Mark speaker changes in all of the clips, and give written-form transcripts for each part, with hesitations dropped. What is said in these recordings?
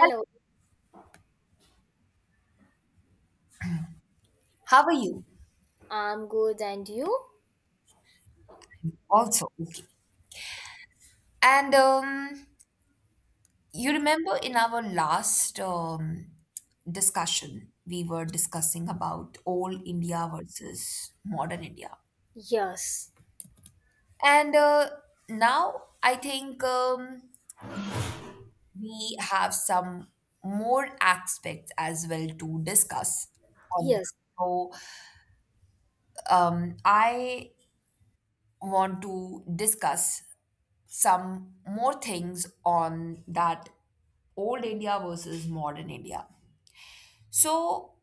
Speaker 1: Hi, how are you?
Speaker 2: I'm good, and you?
Speaker 1: Also, okay. And you remember in our last discussion, we were discussing about old India versus modern India.
Speaker 2: Yes,
Speaker 1: And now I think we have some more aspects as well to discuss on this.
Speaker 2: yes.
Speaker 1: So I want to discuss some more things on that old India versus modern India. So,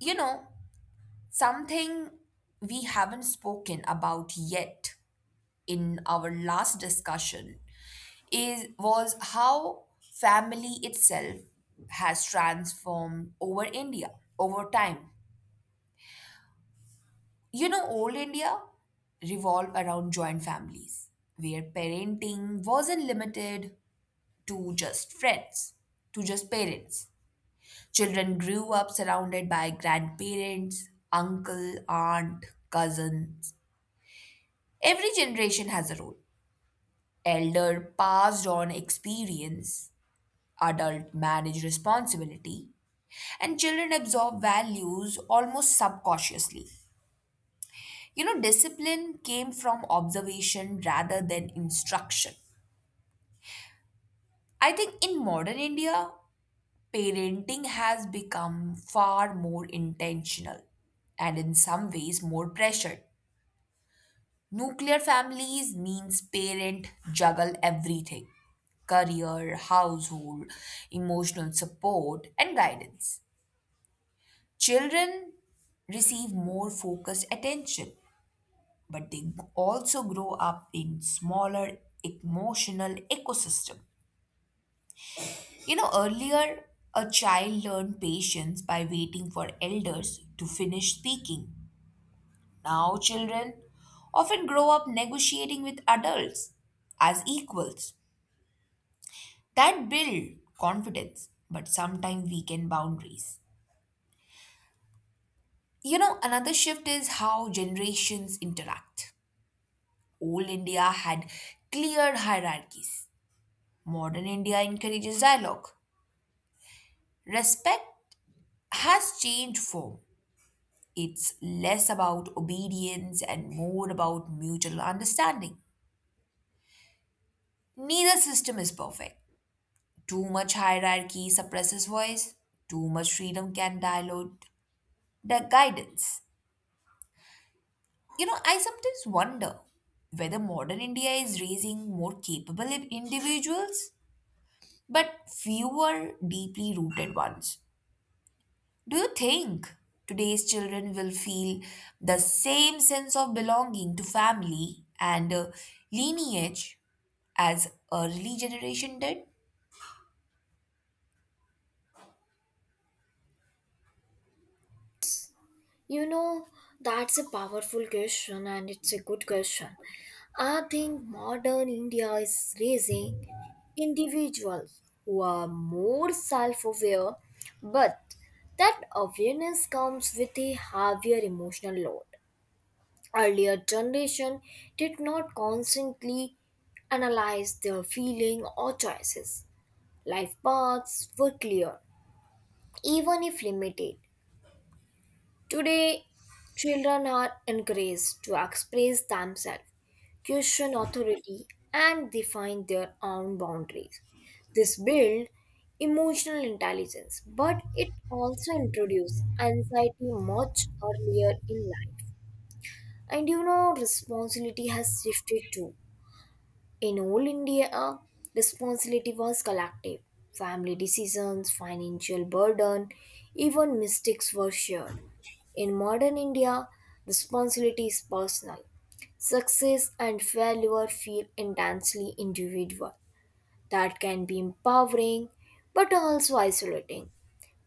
Speaker 1: you know, something we haven't spoken about yet in our last discussion is was how family itself has transformed over India over time. You know, old India revolved around joint families where parenting wasn't limited to just friends, to just parents. Children grew up surrounded by grandparents, uncle, aunt, cousins. Every generation has a role. Elder passed on experience, adult managed responsibility, and children absorb values almost subconsciously. You know, discipline came from observation rather than instruction. I think in modern India, parenting has become far more intentional and in some ways more pressured. Nuclear families means parent juggle everything: career, household, emotional support, and guidance. Children receive more focused attention, but they also grow up in smaller emotional ecosystem. You know, earlier a child learned patience by waiting for elders to finish speaking. Now children often grow up negotiating with adults as equals. That build confidence, but sometimes weaken boundaries. You know, another shift is how generations interact. Old India had clear hierarchies. Modern India encourages dialogue. Respect has changed form. It's less about obedience and more about mutual understanding. Neither system is perfect. Too much hierarchy suppresses voice. Too much freedom can dilute the guidance. You know, I sometimes wonder whether modern India is raising more capable individuals, but fewer deeply rooted ones. Do you think today's children will feel the same sense of belonging to family and lineage as early generation did?
Speaker 2: You know, that's a powerful question, and it's a good question. I think modern India is raising individuals who are more self aware, but that awareness comes with a heavier emotional load. Earlier generation did not constantly analyze their feeling or choices. Life paths were clear even if limited. Today, children are encouraged to express themselves, question authority, and define their own boundaries. This builds emotional intelligence, but it also introduces anxiety much earlier in life. And you know, responsibility has shifted too. In all India, responsibility was collective. Family decisions, financial burden, even mistakes were shared. In modern India, responsibility is personal. Success and failure feel intensely individual. That can be empowering but also isolating.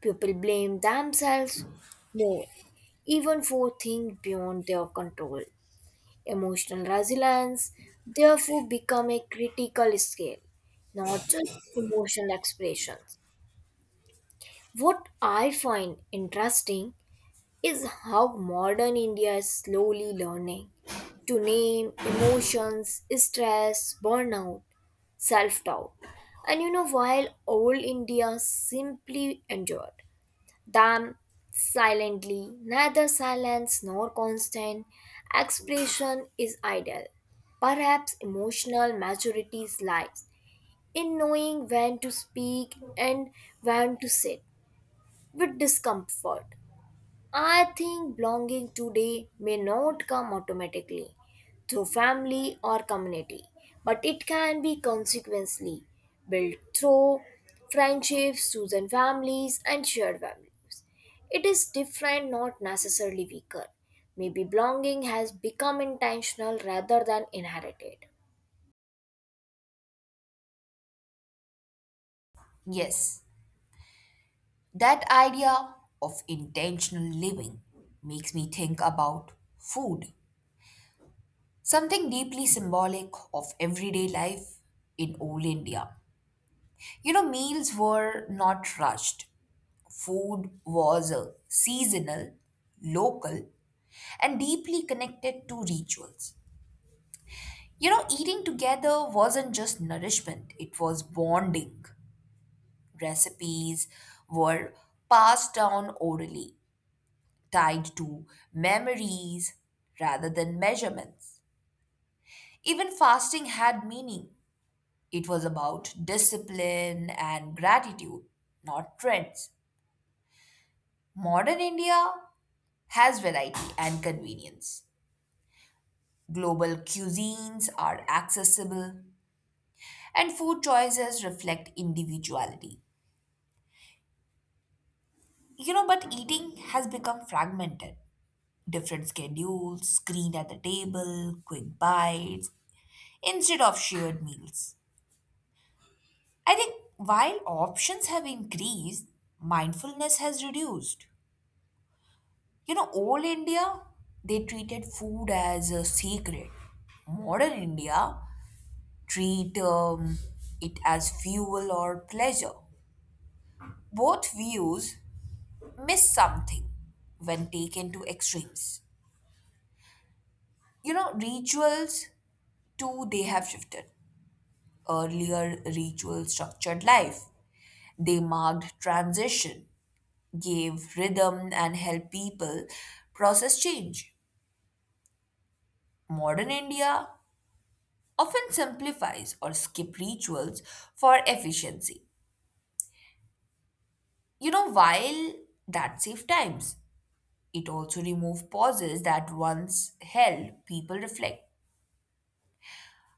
Speaker 2: People blame themselves more, even for things beyond their control. Emotional resilience therefore become a critical skill, not just emotional expressions. What I find interesting is how modern India is slowly learning to name emotions, stress, burnout, self doubt. And you know, while old India simply endured damn silently. Neither silence nor constant expression is ideal. Perhaps emotional maturity lies in knowing when to speak and when to sit with discomfort. I think belonging today may not come automatically through family or community, but it can be consequently built through friendships, chosen families, and shared values. It is different, not necessarily weaker. Maybe belonging has become intentional rather than inherited.
Speaker 1: Yes, that idea of intentional living makes me think about food. Something deeply symbolic of everyday life in old India. You know, meals were not rushed. Food was seasonal, local, and deeply connected to rituals. You know, eating together wasn't just nourishment, it was bonding. Recipes were passed down orally, tied to memories rather than measurements. Even fasting had meaning. It was about discipline and gratitude, not trends. Modern India has variety and convenience. Global cuisines are accessible, and food choices reflect individuality. You know, but eating has become fragmented. Different schedules, screen at the table, quick bites, instead of shared meals. I think while options have increased, mindfulness has reduced. You know, old India, they treated food as a secret. Modern India treat it as fuel or pleasure. Both views miss something when taken to extremes. You know, rituals too, they have shifted. Earlier, rituals structured life. They marked transition, gave rhythm, and helped people process change. Modern India often simplifies or skip rituals for efficiency. You know, while that saves times, it also removes pauses that once held people reflect.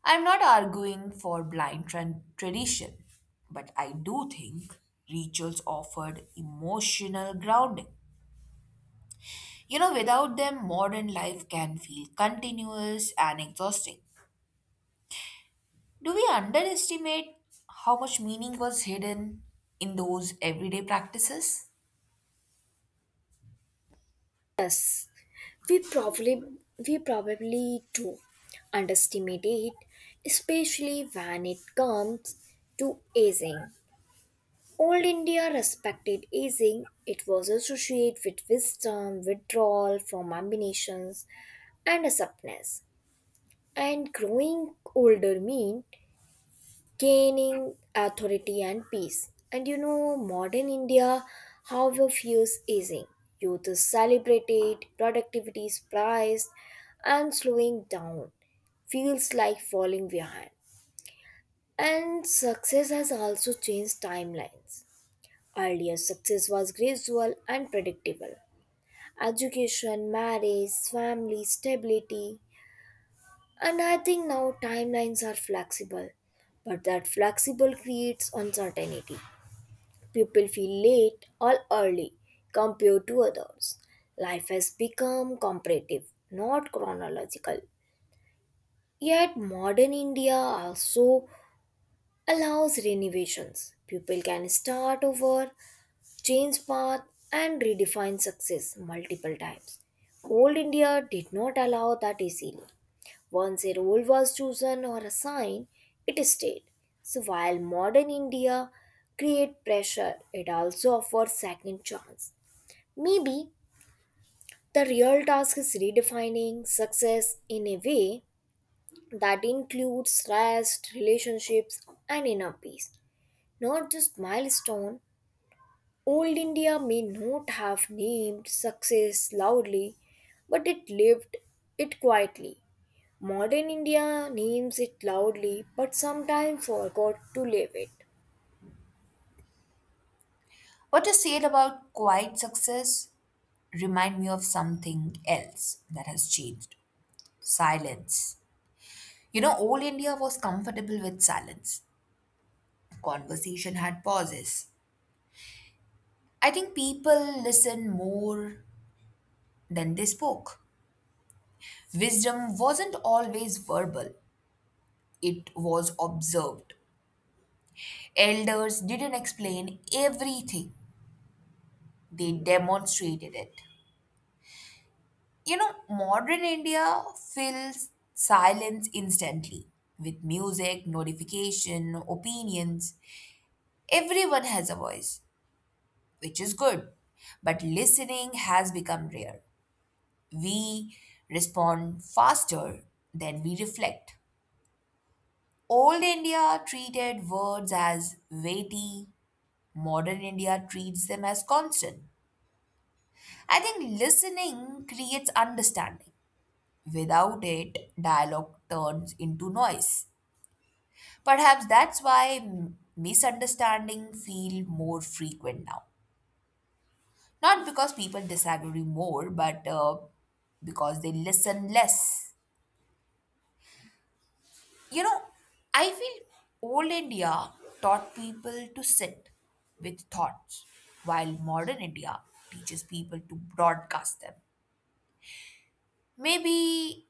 Speaker 1: I'm not arguing for blind tradition, but I do think rituals offered emotional grounding. You know, without them, modern life can feel continuous and exhausting. Do we underestimate how much meaning was hidden in those everyday practices?
Speaker 2: We probably we probably do underestimate it, especially when it comes to aging. Old India respected aging. It was associated with wisdom, withdrawal from ambitions, and a supness. And growing older mean gaining authority and peace. And you know, modern India, however, fears aging. Youth is celebrated, productivity is prized, and slowing down feels like falling behind. And success has also changed timelines. Earlier, success was gradual and predictable. Education, marriage, family, stability, and I think now timelines are flexible. But that flexible creates uncertainty. People feel late or early compared to others. Life has become comparative, not chronological. Yet, modern India also allows renovations. People can start over, change path, and redefine success multiple times. Old India did not allow that easily. Once a role was chosen or assigned, it stayed. So while modern India create pressure, it also offers second chance. Maybe the real task is redefining success in a way that includes rest, relationships, and inner peace, not just milestone. Old India may not have named success loudly, but it lived it quietly. Modern India names it loudly, but sometimes forgot to live it.
Speaker 1: What you said about quiet success remind me of something else that has changed. Silence. You know, old India was comfortable with silence. Conversation had pauses. I think people listened more than they spoke. Wisdom wasn't always verbal, it was observed. Elders didn't explain everything, they demonstrated it. You know, modern India fills silence instantly with music, notification, opinions. Everyone has a voice, which is good, but listening has become rare. We respond faster than we reflect. Old India treated words as weighty, modern India treats them as constant. I think listening creates understanding. Without it, dialogue turns into noise. Perhaps that's why misunderstanding feel more frequent now. Not because people disagree more, but because they listen less. You know, I feel old India taught people to sit with thoughts, while modern India teaches people to broadcast them. Maybe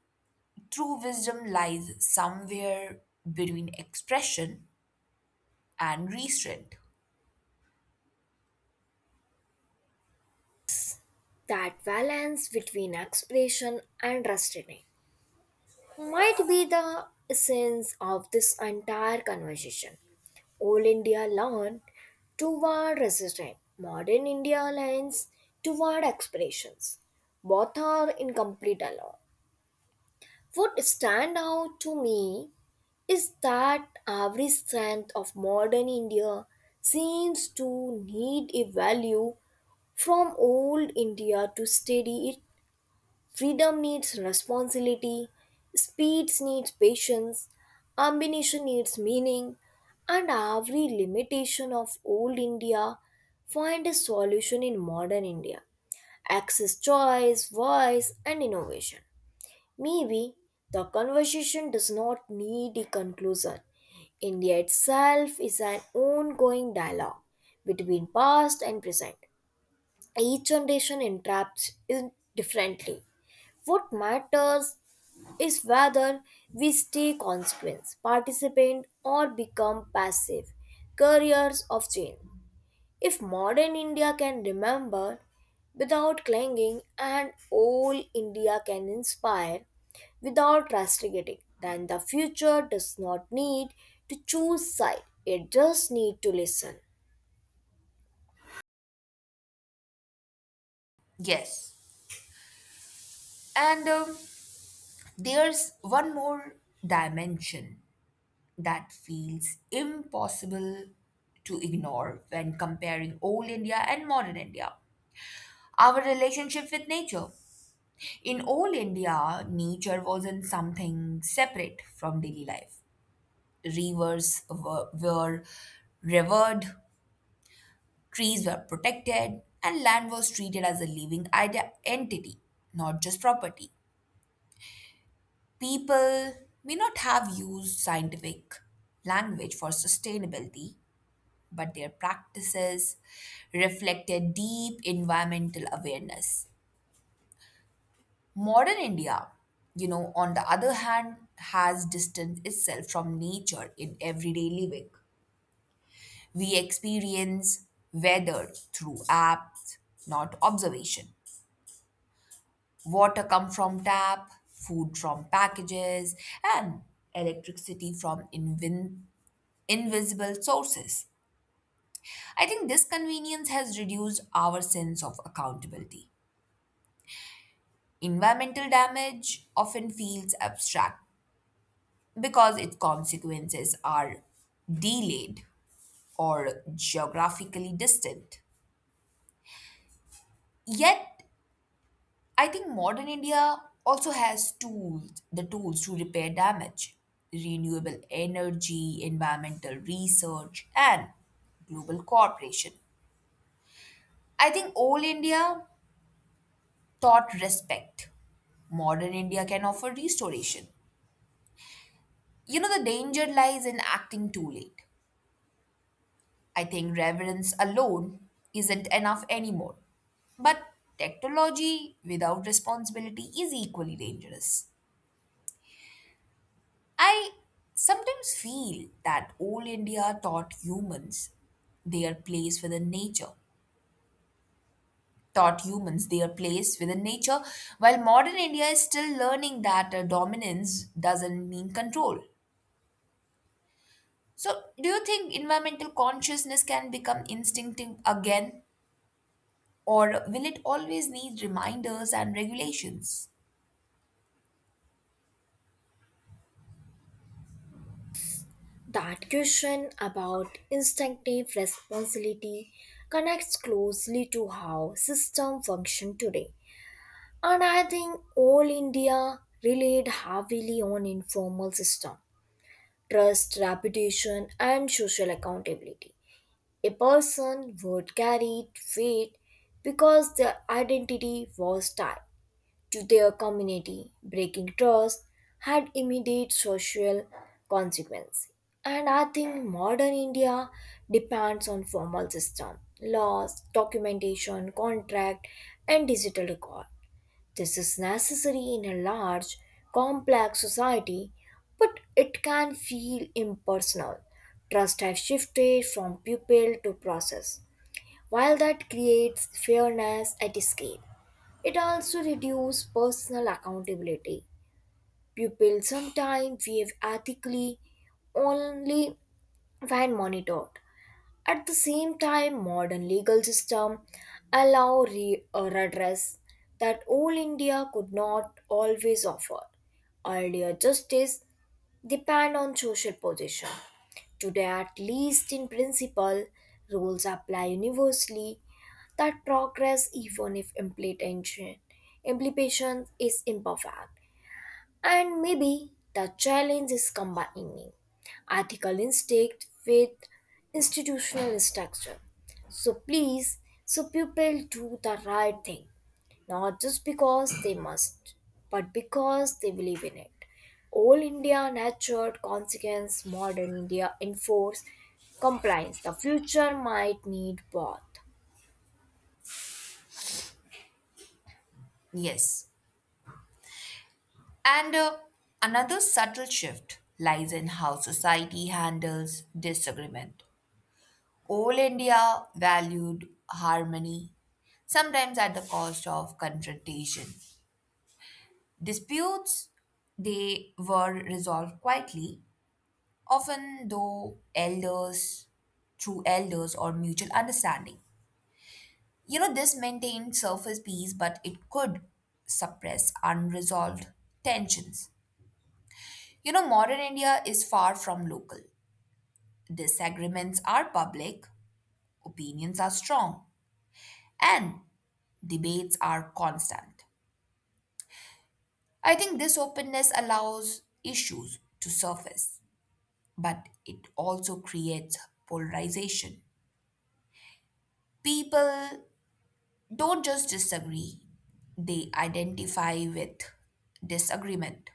Speaker 1: true wisdom lies somewhere between expression and restraint.
Speaker 2: That balance between expression and restraint might be the essence of this entire conversation. Old India learned toward resistance, modern India leans toward expressions. Both are incomplete alone. What stand out to me is that every strength of modern India seems to need a value from old India to steady it. Freedom needs responsibility, speeds needs patience, ambition needs meaning, and every limitation of old India find a solution in modern India. Access, choice, voice, and innovation. Maybe the conversation does not need a conclusion. India itself is an ongoing dialogue between past and present. Each generation interprets it differently. What matters is whether we stay consequence, participant, or become passive carriers of change. If modern India can remember without clinging and old India can inspire, without castigating. Then the future does not need to choose side, it just need to listen.
Speaker 1: Yes. And There's one more dimension that feels impossible to ignore when comparing old India and modern India, our relationship with nature. In old India, nature wasn't something separate from daily life. Rivers were revered, trees were protected, and land was treated as a living entity, not just property. People may not have used scientific language for sustainability, but their practices reflected deep environmental awareness. Modern India, you know, on the other hand, has distanced itself from nature in everyday living. We experience weather through apps, not observation. Water come from tap, food from packages, and electricity from invisible sources. I think this convenience has reduced our sense of accountability. Environmental damage often feels abstract because its consequences are delayed or geographically distant. Yet, I think modern India also has tools, the tools to repair damage. Renewable energy, environmental research, and global cooperation. I think old India taught respect. Modern India can offer restoration. You know, the danger lies in acting too late. I think reverence alone isn't enough anymore. But technology without responsibility is equally dangerous. I sometimes feel that old India taught humans their place within nature, taught humans their place within nature, while modern India is still learning that dominance doesn't mean control. So, do you think environmental consciousness can become instinctive again, or will it always need reminders and regulations?
Speaker 2: That question about instinctive responsibility connects closely to how system function today. And I think all India relied heavily on informal system, trust, reputation and social accountability. A person would carry weight because their identity was tied to their community. Breaking trust had immediate social consequences. And I think modern India depends on formal system, laws, documentation, contract, and digital record. This is necessary in a large, complex society, but it can feel impersonal. Trust has shifted from pupil to process. While that creates fairness at scale, it also reduces personal accountability. Pupils sometimes behave ethically only when monitored, at the same time, modern legal system allow a redress that all India could not always offer. Earlier justice depend on social position. Today, at least in principle, rules apply universally, that progress even if implementation implication is imperfect. And maybe the challenge is combining ethical instinct with institutional structure. So please, so people do the right thing, not just because they must, but because they believe in it. All India nurtured consequence, modern India enforce compliance. The future might need both.
Speaker 1: Yes. And another subtle shift lies in how society handles disagreement. All India valued harmony, sometimes at the cost of confrontation. Disputes, they were resolved quietly often though elders through elders or mutual understanding. You know, this maintained surface peace but it could suppress unresolved tensions. You know, modern India is far from local. Disagreements are public, opinions are strong, and debates are constant. I think this openness allows issues to surface, but it also creates polarization. People don't just disagree, they identify with disagreement.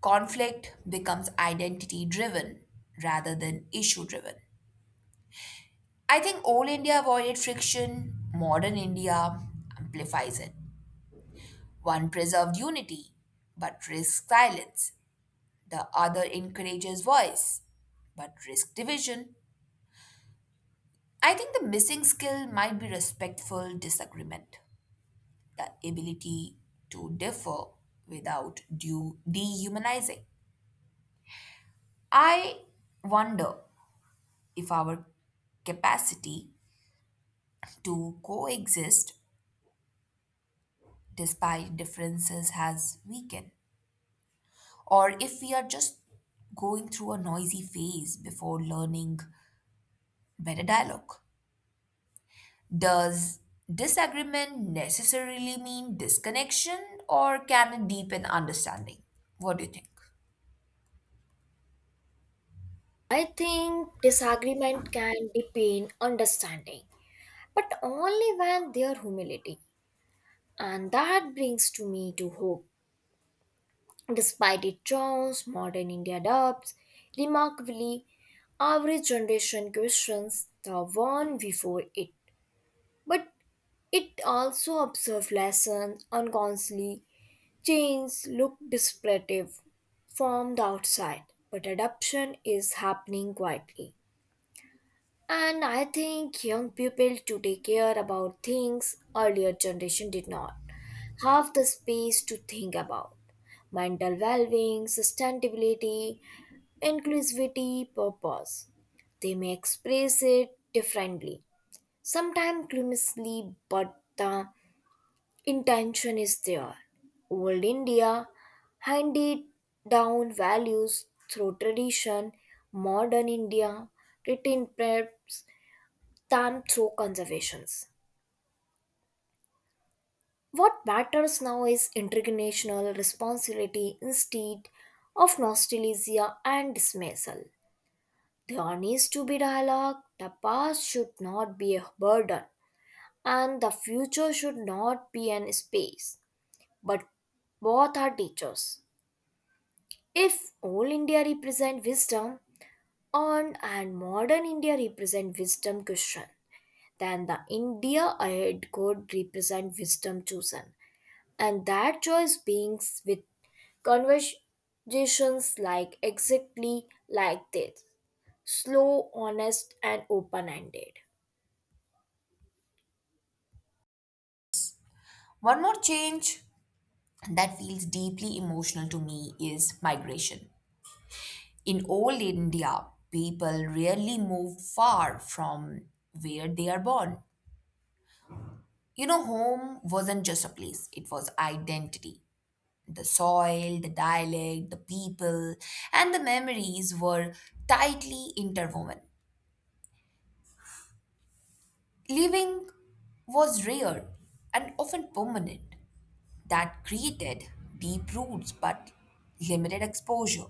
Speaker 1: Conflict becomes identity driven rather than issue driven. I think old India avoided friction, modern India amplifies it. One preserved unity but risks silence, the other encourages voice but risks division. I think the missing skill might be respectful disagreement, the ability to differ without due dehumanizing. I wonder if our capacity to coexist despite differences has weakened, or if we are just going through a noisy phase before learning better dialogue. Does disagreement necessarily mean disconnection, or can it deepen understanding? What do you think?
Speaker 2: I think disagreement can deepen understanding, but only when there humility. And that brings to me to hope. Despite its charms, modern India adopts remarkably, average generation questions the one before it. But it also observes lessons unconsciously, change look disruptive from the outside, but adoption is happening quietly. And I think young people today care about things earlier generation did not have the space to think about. Mental well-being, sustainability, inclusivity, purpose. They may express it differently, sometimes clumsily, but the intention is there. Old India handed down values through tradition, modern India written preps than through conservations. What matters now is intergenerational responsibility instead of nostalgia and dismissal. There needs to be dialogue, the past should not be a burden, and the future should not be an space. But both are teachers. If old India represent wisdom on and modern India represent wisdom question, then the India ahead could represent wisdom chosen. And that choice beings with conversations exactly like this, slow, honest, and open-ended.
Speaker 1: One more change that feels deeply emotional to me is migration. In old India, people rarely moved far from where they are born. You know, home wasn't just a place, it was identity. The soil, the dialect, the people, and the memories were tightly interwoven. Living was rare and often permanent. That created deep roots but limited exposure.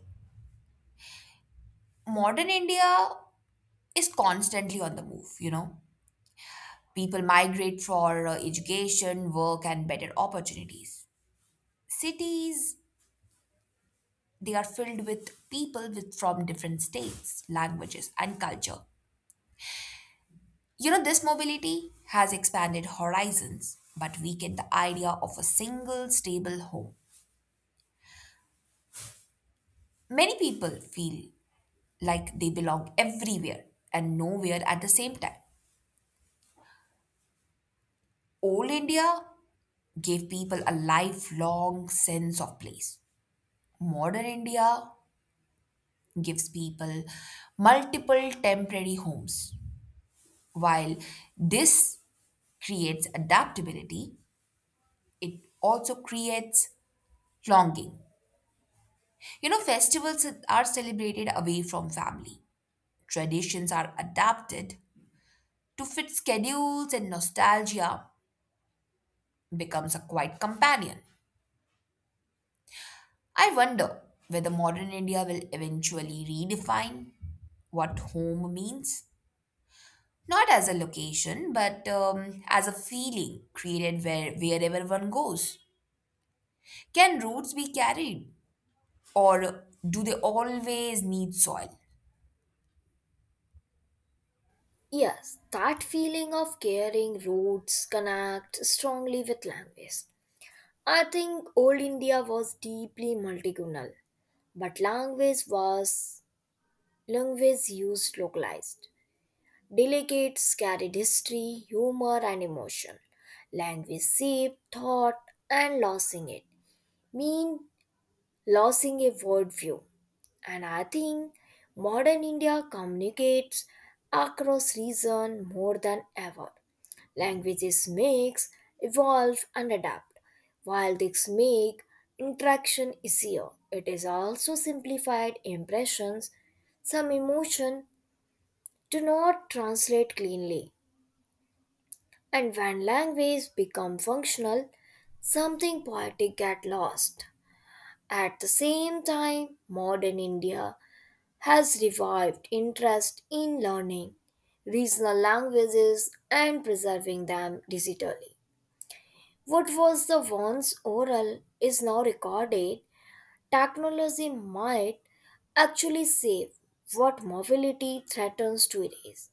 Speaker 1: Modern India is constantly on the move, you know. People migrate for education, work, and better opportunities. Cities, they are filled with people with, from different states, languages, and culture. You know, this mobility has expanded horizons, but weakened the idea of a single stable home. Many people feel like they belong everywhere and nowhere at the same time. Old India gave people a lifelong sense of place. Modern India gives people multiple temporary homes. While this creates adaptability, it also creates longing. You know, festivals are celebrated away from family, traditions are adapted to fit schedules, and nostalgia becomes a quiet companion. I wonder whether modern India will eventually redefine what home means. Not as a location, but as a feeling created wherever one goes. Can roots be carried, or do they always need soil?
Speaker 2: Yes, that feeling of caring roots connect strongly with language. I think old India was deeply multilingual, but language used localized delegates carried history, humor, and emotion. Language shaped thought, and losing it mean losing a worldview. And I think modern India communicates across region more than ever. Languages mix, evolve, and adapt. While these make interaction easier, it is also simplified impressions. Some emotion do not translate cleanly, and when language become functional, something poetic get lost. At the same time, modern India has revived interest in learning regional languages and preserving them digitally. What was the once oral is now recorded. Technology might actually save what mobility threatens to erase.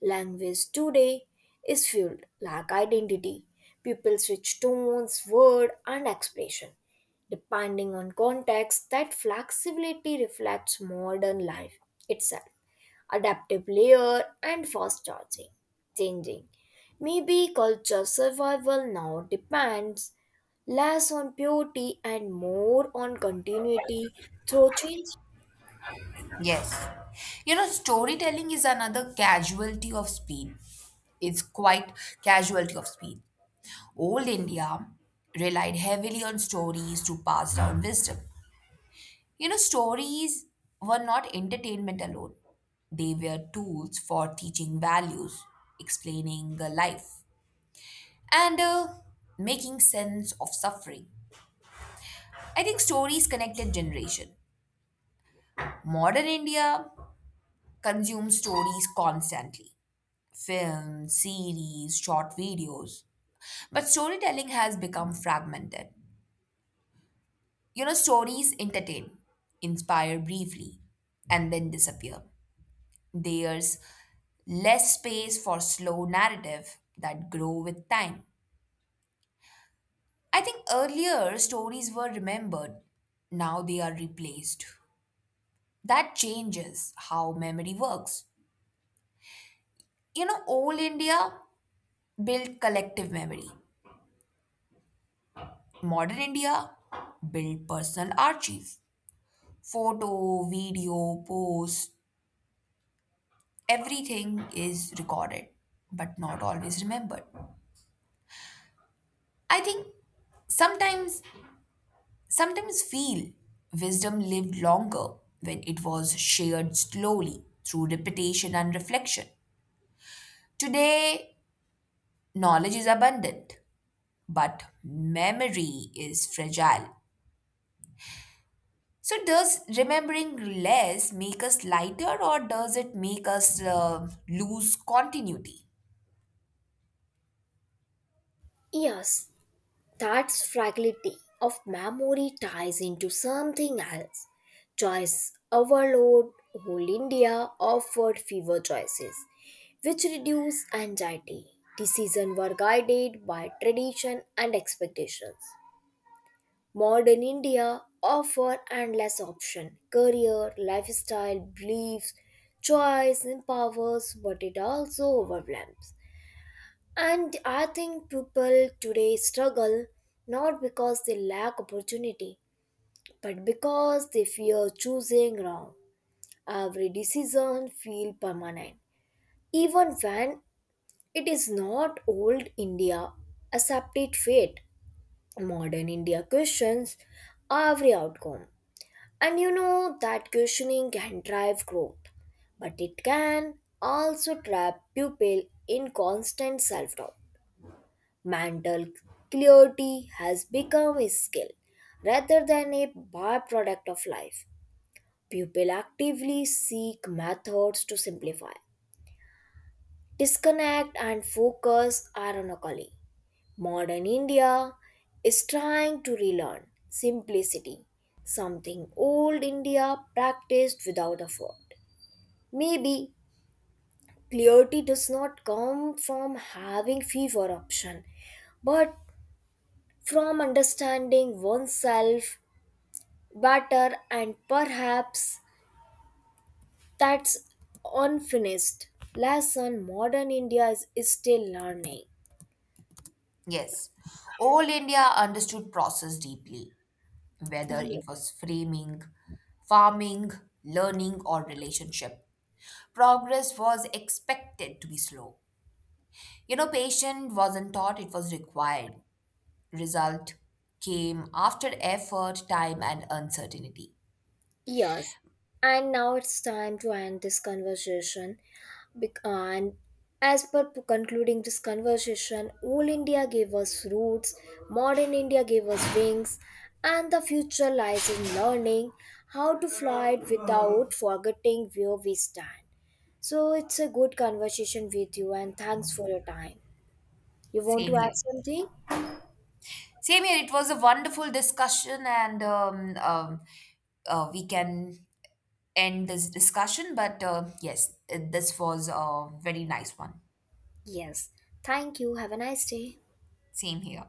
Speaker 2: Language today is fueled like identity. People switch tones, word, and expression. Depending on context, that flexibility reflects modern life itself. Adaptive layer and fast charging, changing. Maybe culture survival now depends less on purity and more on continuity through change.
Speaker 1: Yes. You know, storytelling is another casualty of speed. It's quite casualty of speed. Old India relied heavily on stories to pass down wisdom. You know, stories were not entertainment alone, they were tools for teaching values, explaining life, and making sense of suffering. I think stories connected generation. Modern India consumes stories constantly: films, series, short videos. But storytelling has become fragmented. You know, stories entertain, inspire briefly, and then disappear. There's less space for slow narrative that grow with time. I think earlier stories were remembered, now they are replaced. That changes how memory works. You know, old India built collective memory. Modern India built personal archive. Photo, video, post, everything is recorded, but not always remembered. I think sometimes sometimes feel wisdom lived longer when it was shared slowly through repetition and reflection. Today, knowledge is abundant, but memory is fragile. So, does remembering less make us lighter or does it make us lose continuity?
Speaker 2: Yes, that's fragility of memory ties into something else. Choice overload, whole India offered fewer choices, which reduced anxiety. Decisions were guided by tradition and expectations. Modern India offer endless option, career, lifestyle, beliefs, choice empowers, but it also overwhelms. And I think people today struggle not because they lack opportunity, but because they fear choosing wrong. Every decision feels permanent, even when it is not old India accepted fate. Modern India questions every outcome. And you know that questioning can drive growth, but it can also trap people in constant self doubt. Mental clarity has become a skill rather than a byproduct of life. People actively seek methods to simplify, disconnect, and focus ironically. Modern India is trying to relearn simplicity, something old India practiced without effort. Maybe clarity does not come from having fewer options, but from understanding oneself better and perhaps that's unfinished lesson modern india is still learning.
Speaker 1: Yes, all India understood process deeply, whether
Speaker 2: Yeah.
Speaker 1: it was framing, farming, learning, or relationship. Progress was expected to be slow. You know, patience wasn't taught, it was required. Result came after effort, time, and uncertainty.
Speaker 2: Yes. And now it's time to end this conversation. And as per concluding this conversation, old India gave us roots, modern India gave us wings, and the future lies in learning how to fly it without forgetting where we stand. So it's a good conversation with you, and thanks for your time. You want
Speaker 1: Same
Speaker 2: to add
Speaker 1: here.
Speaker 2: something?
Speaker 1: Same here. It was a wonderful discussion, and we can end this discussion. But yes, this was a very nice one.
Speaker 2: Yes. Thank you. Have a nice day.
Speaker 1: Same here.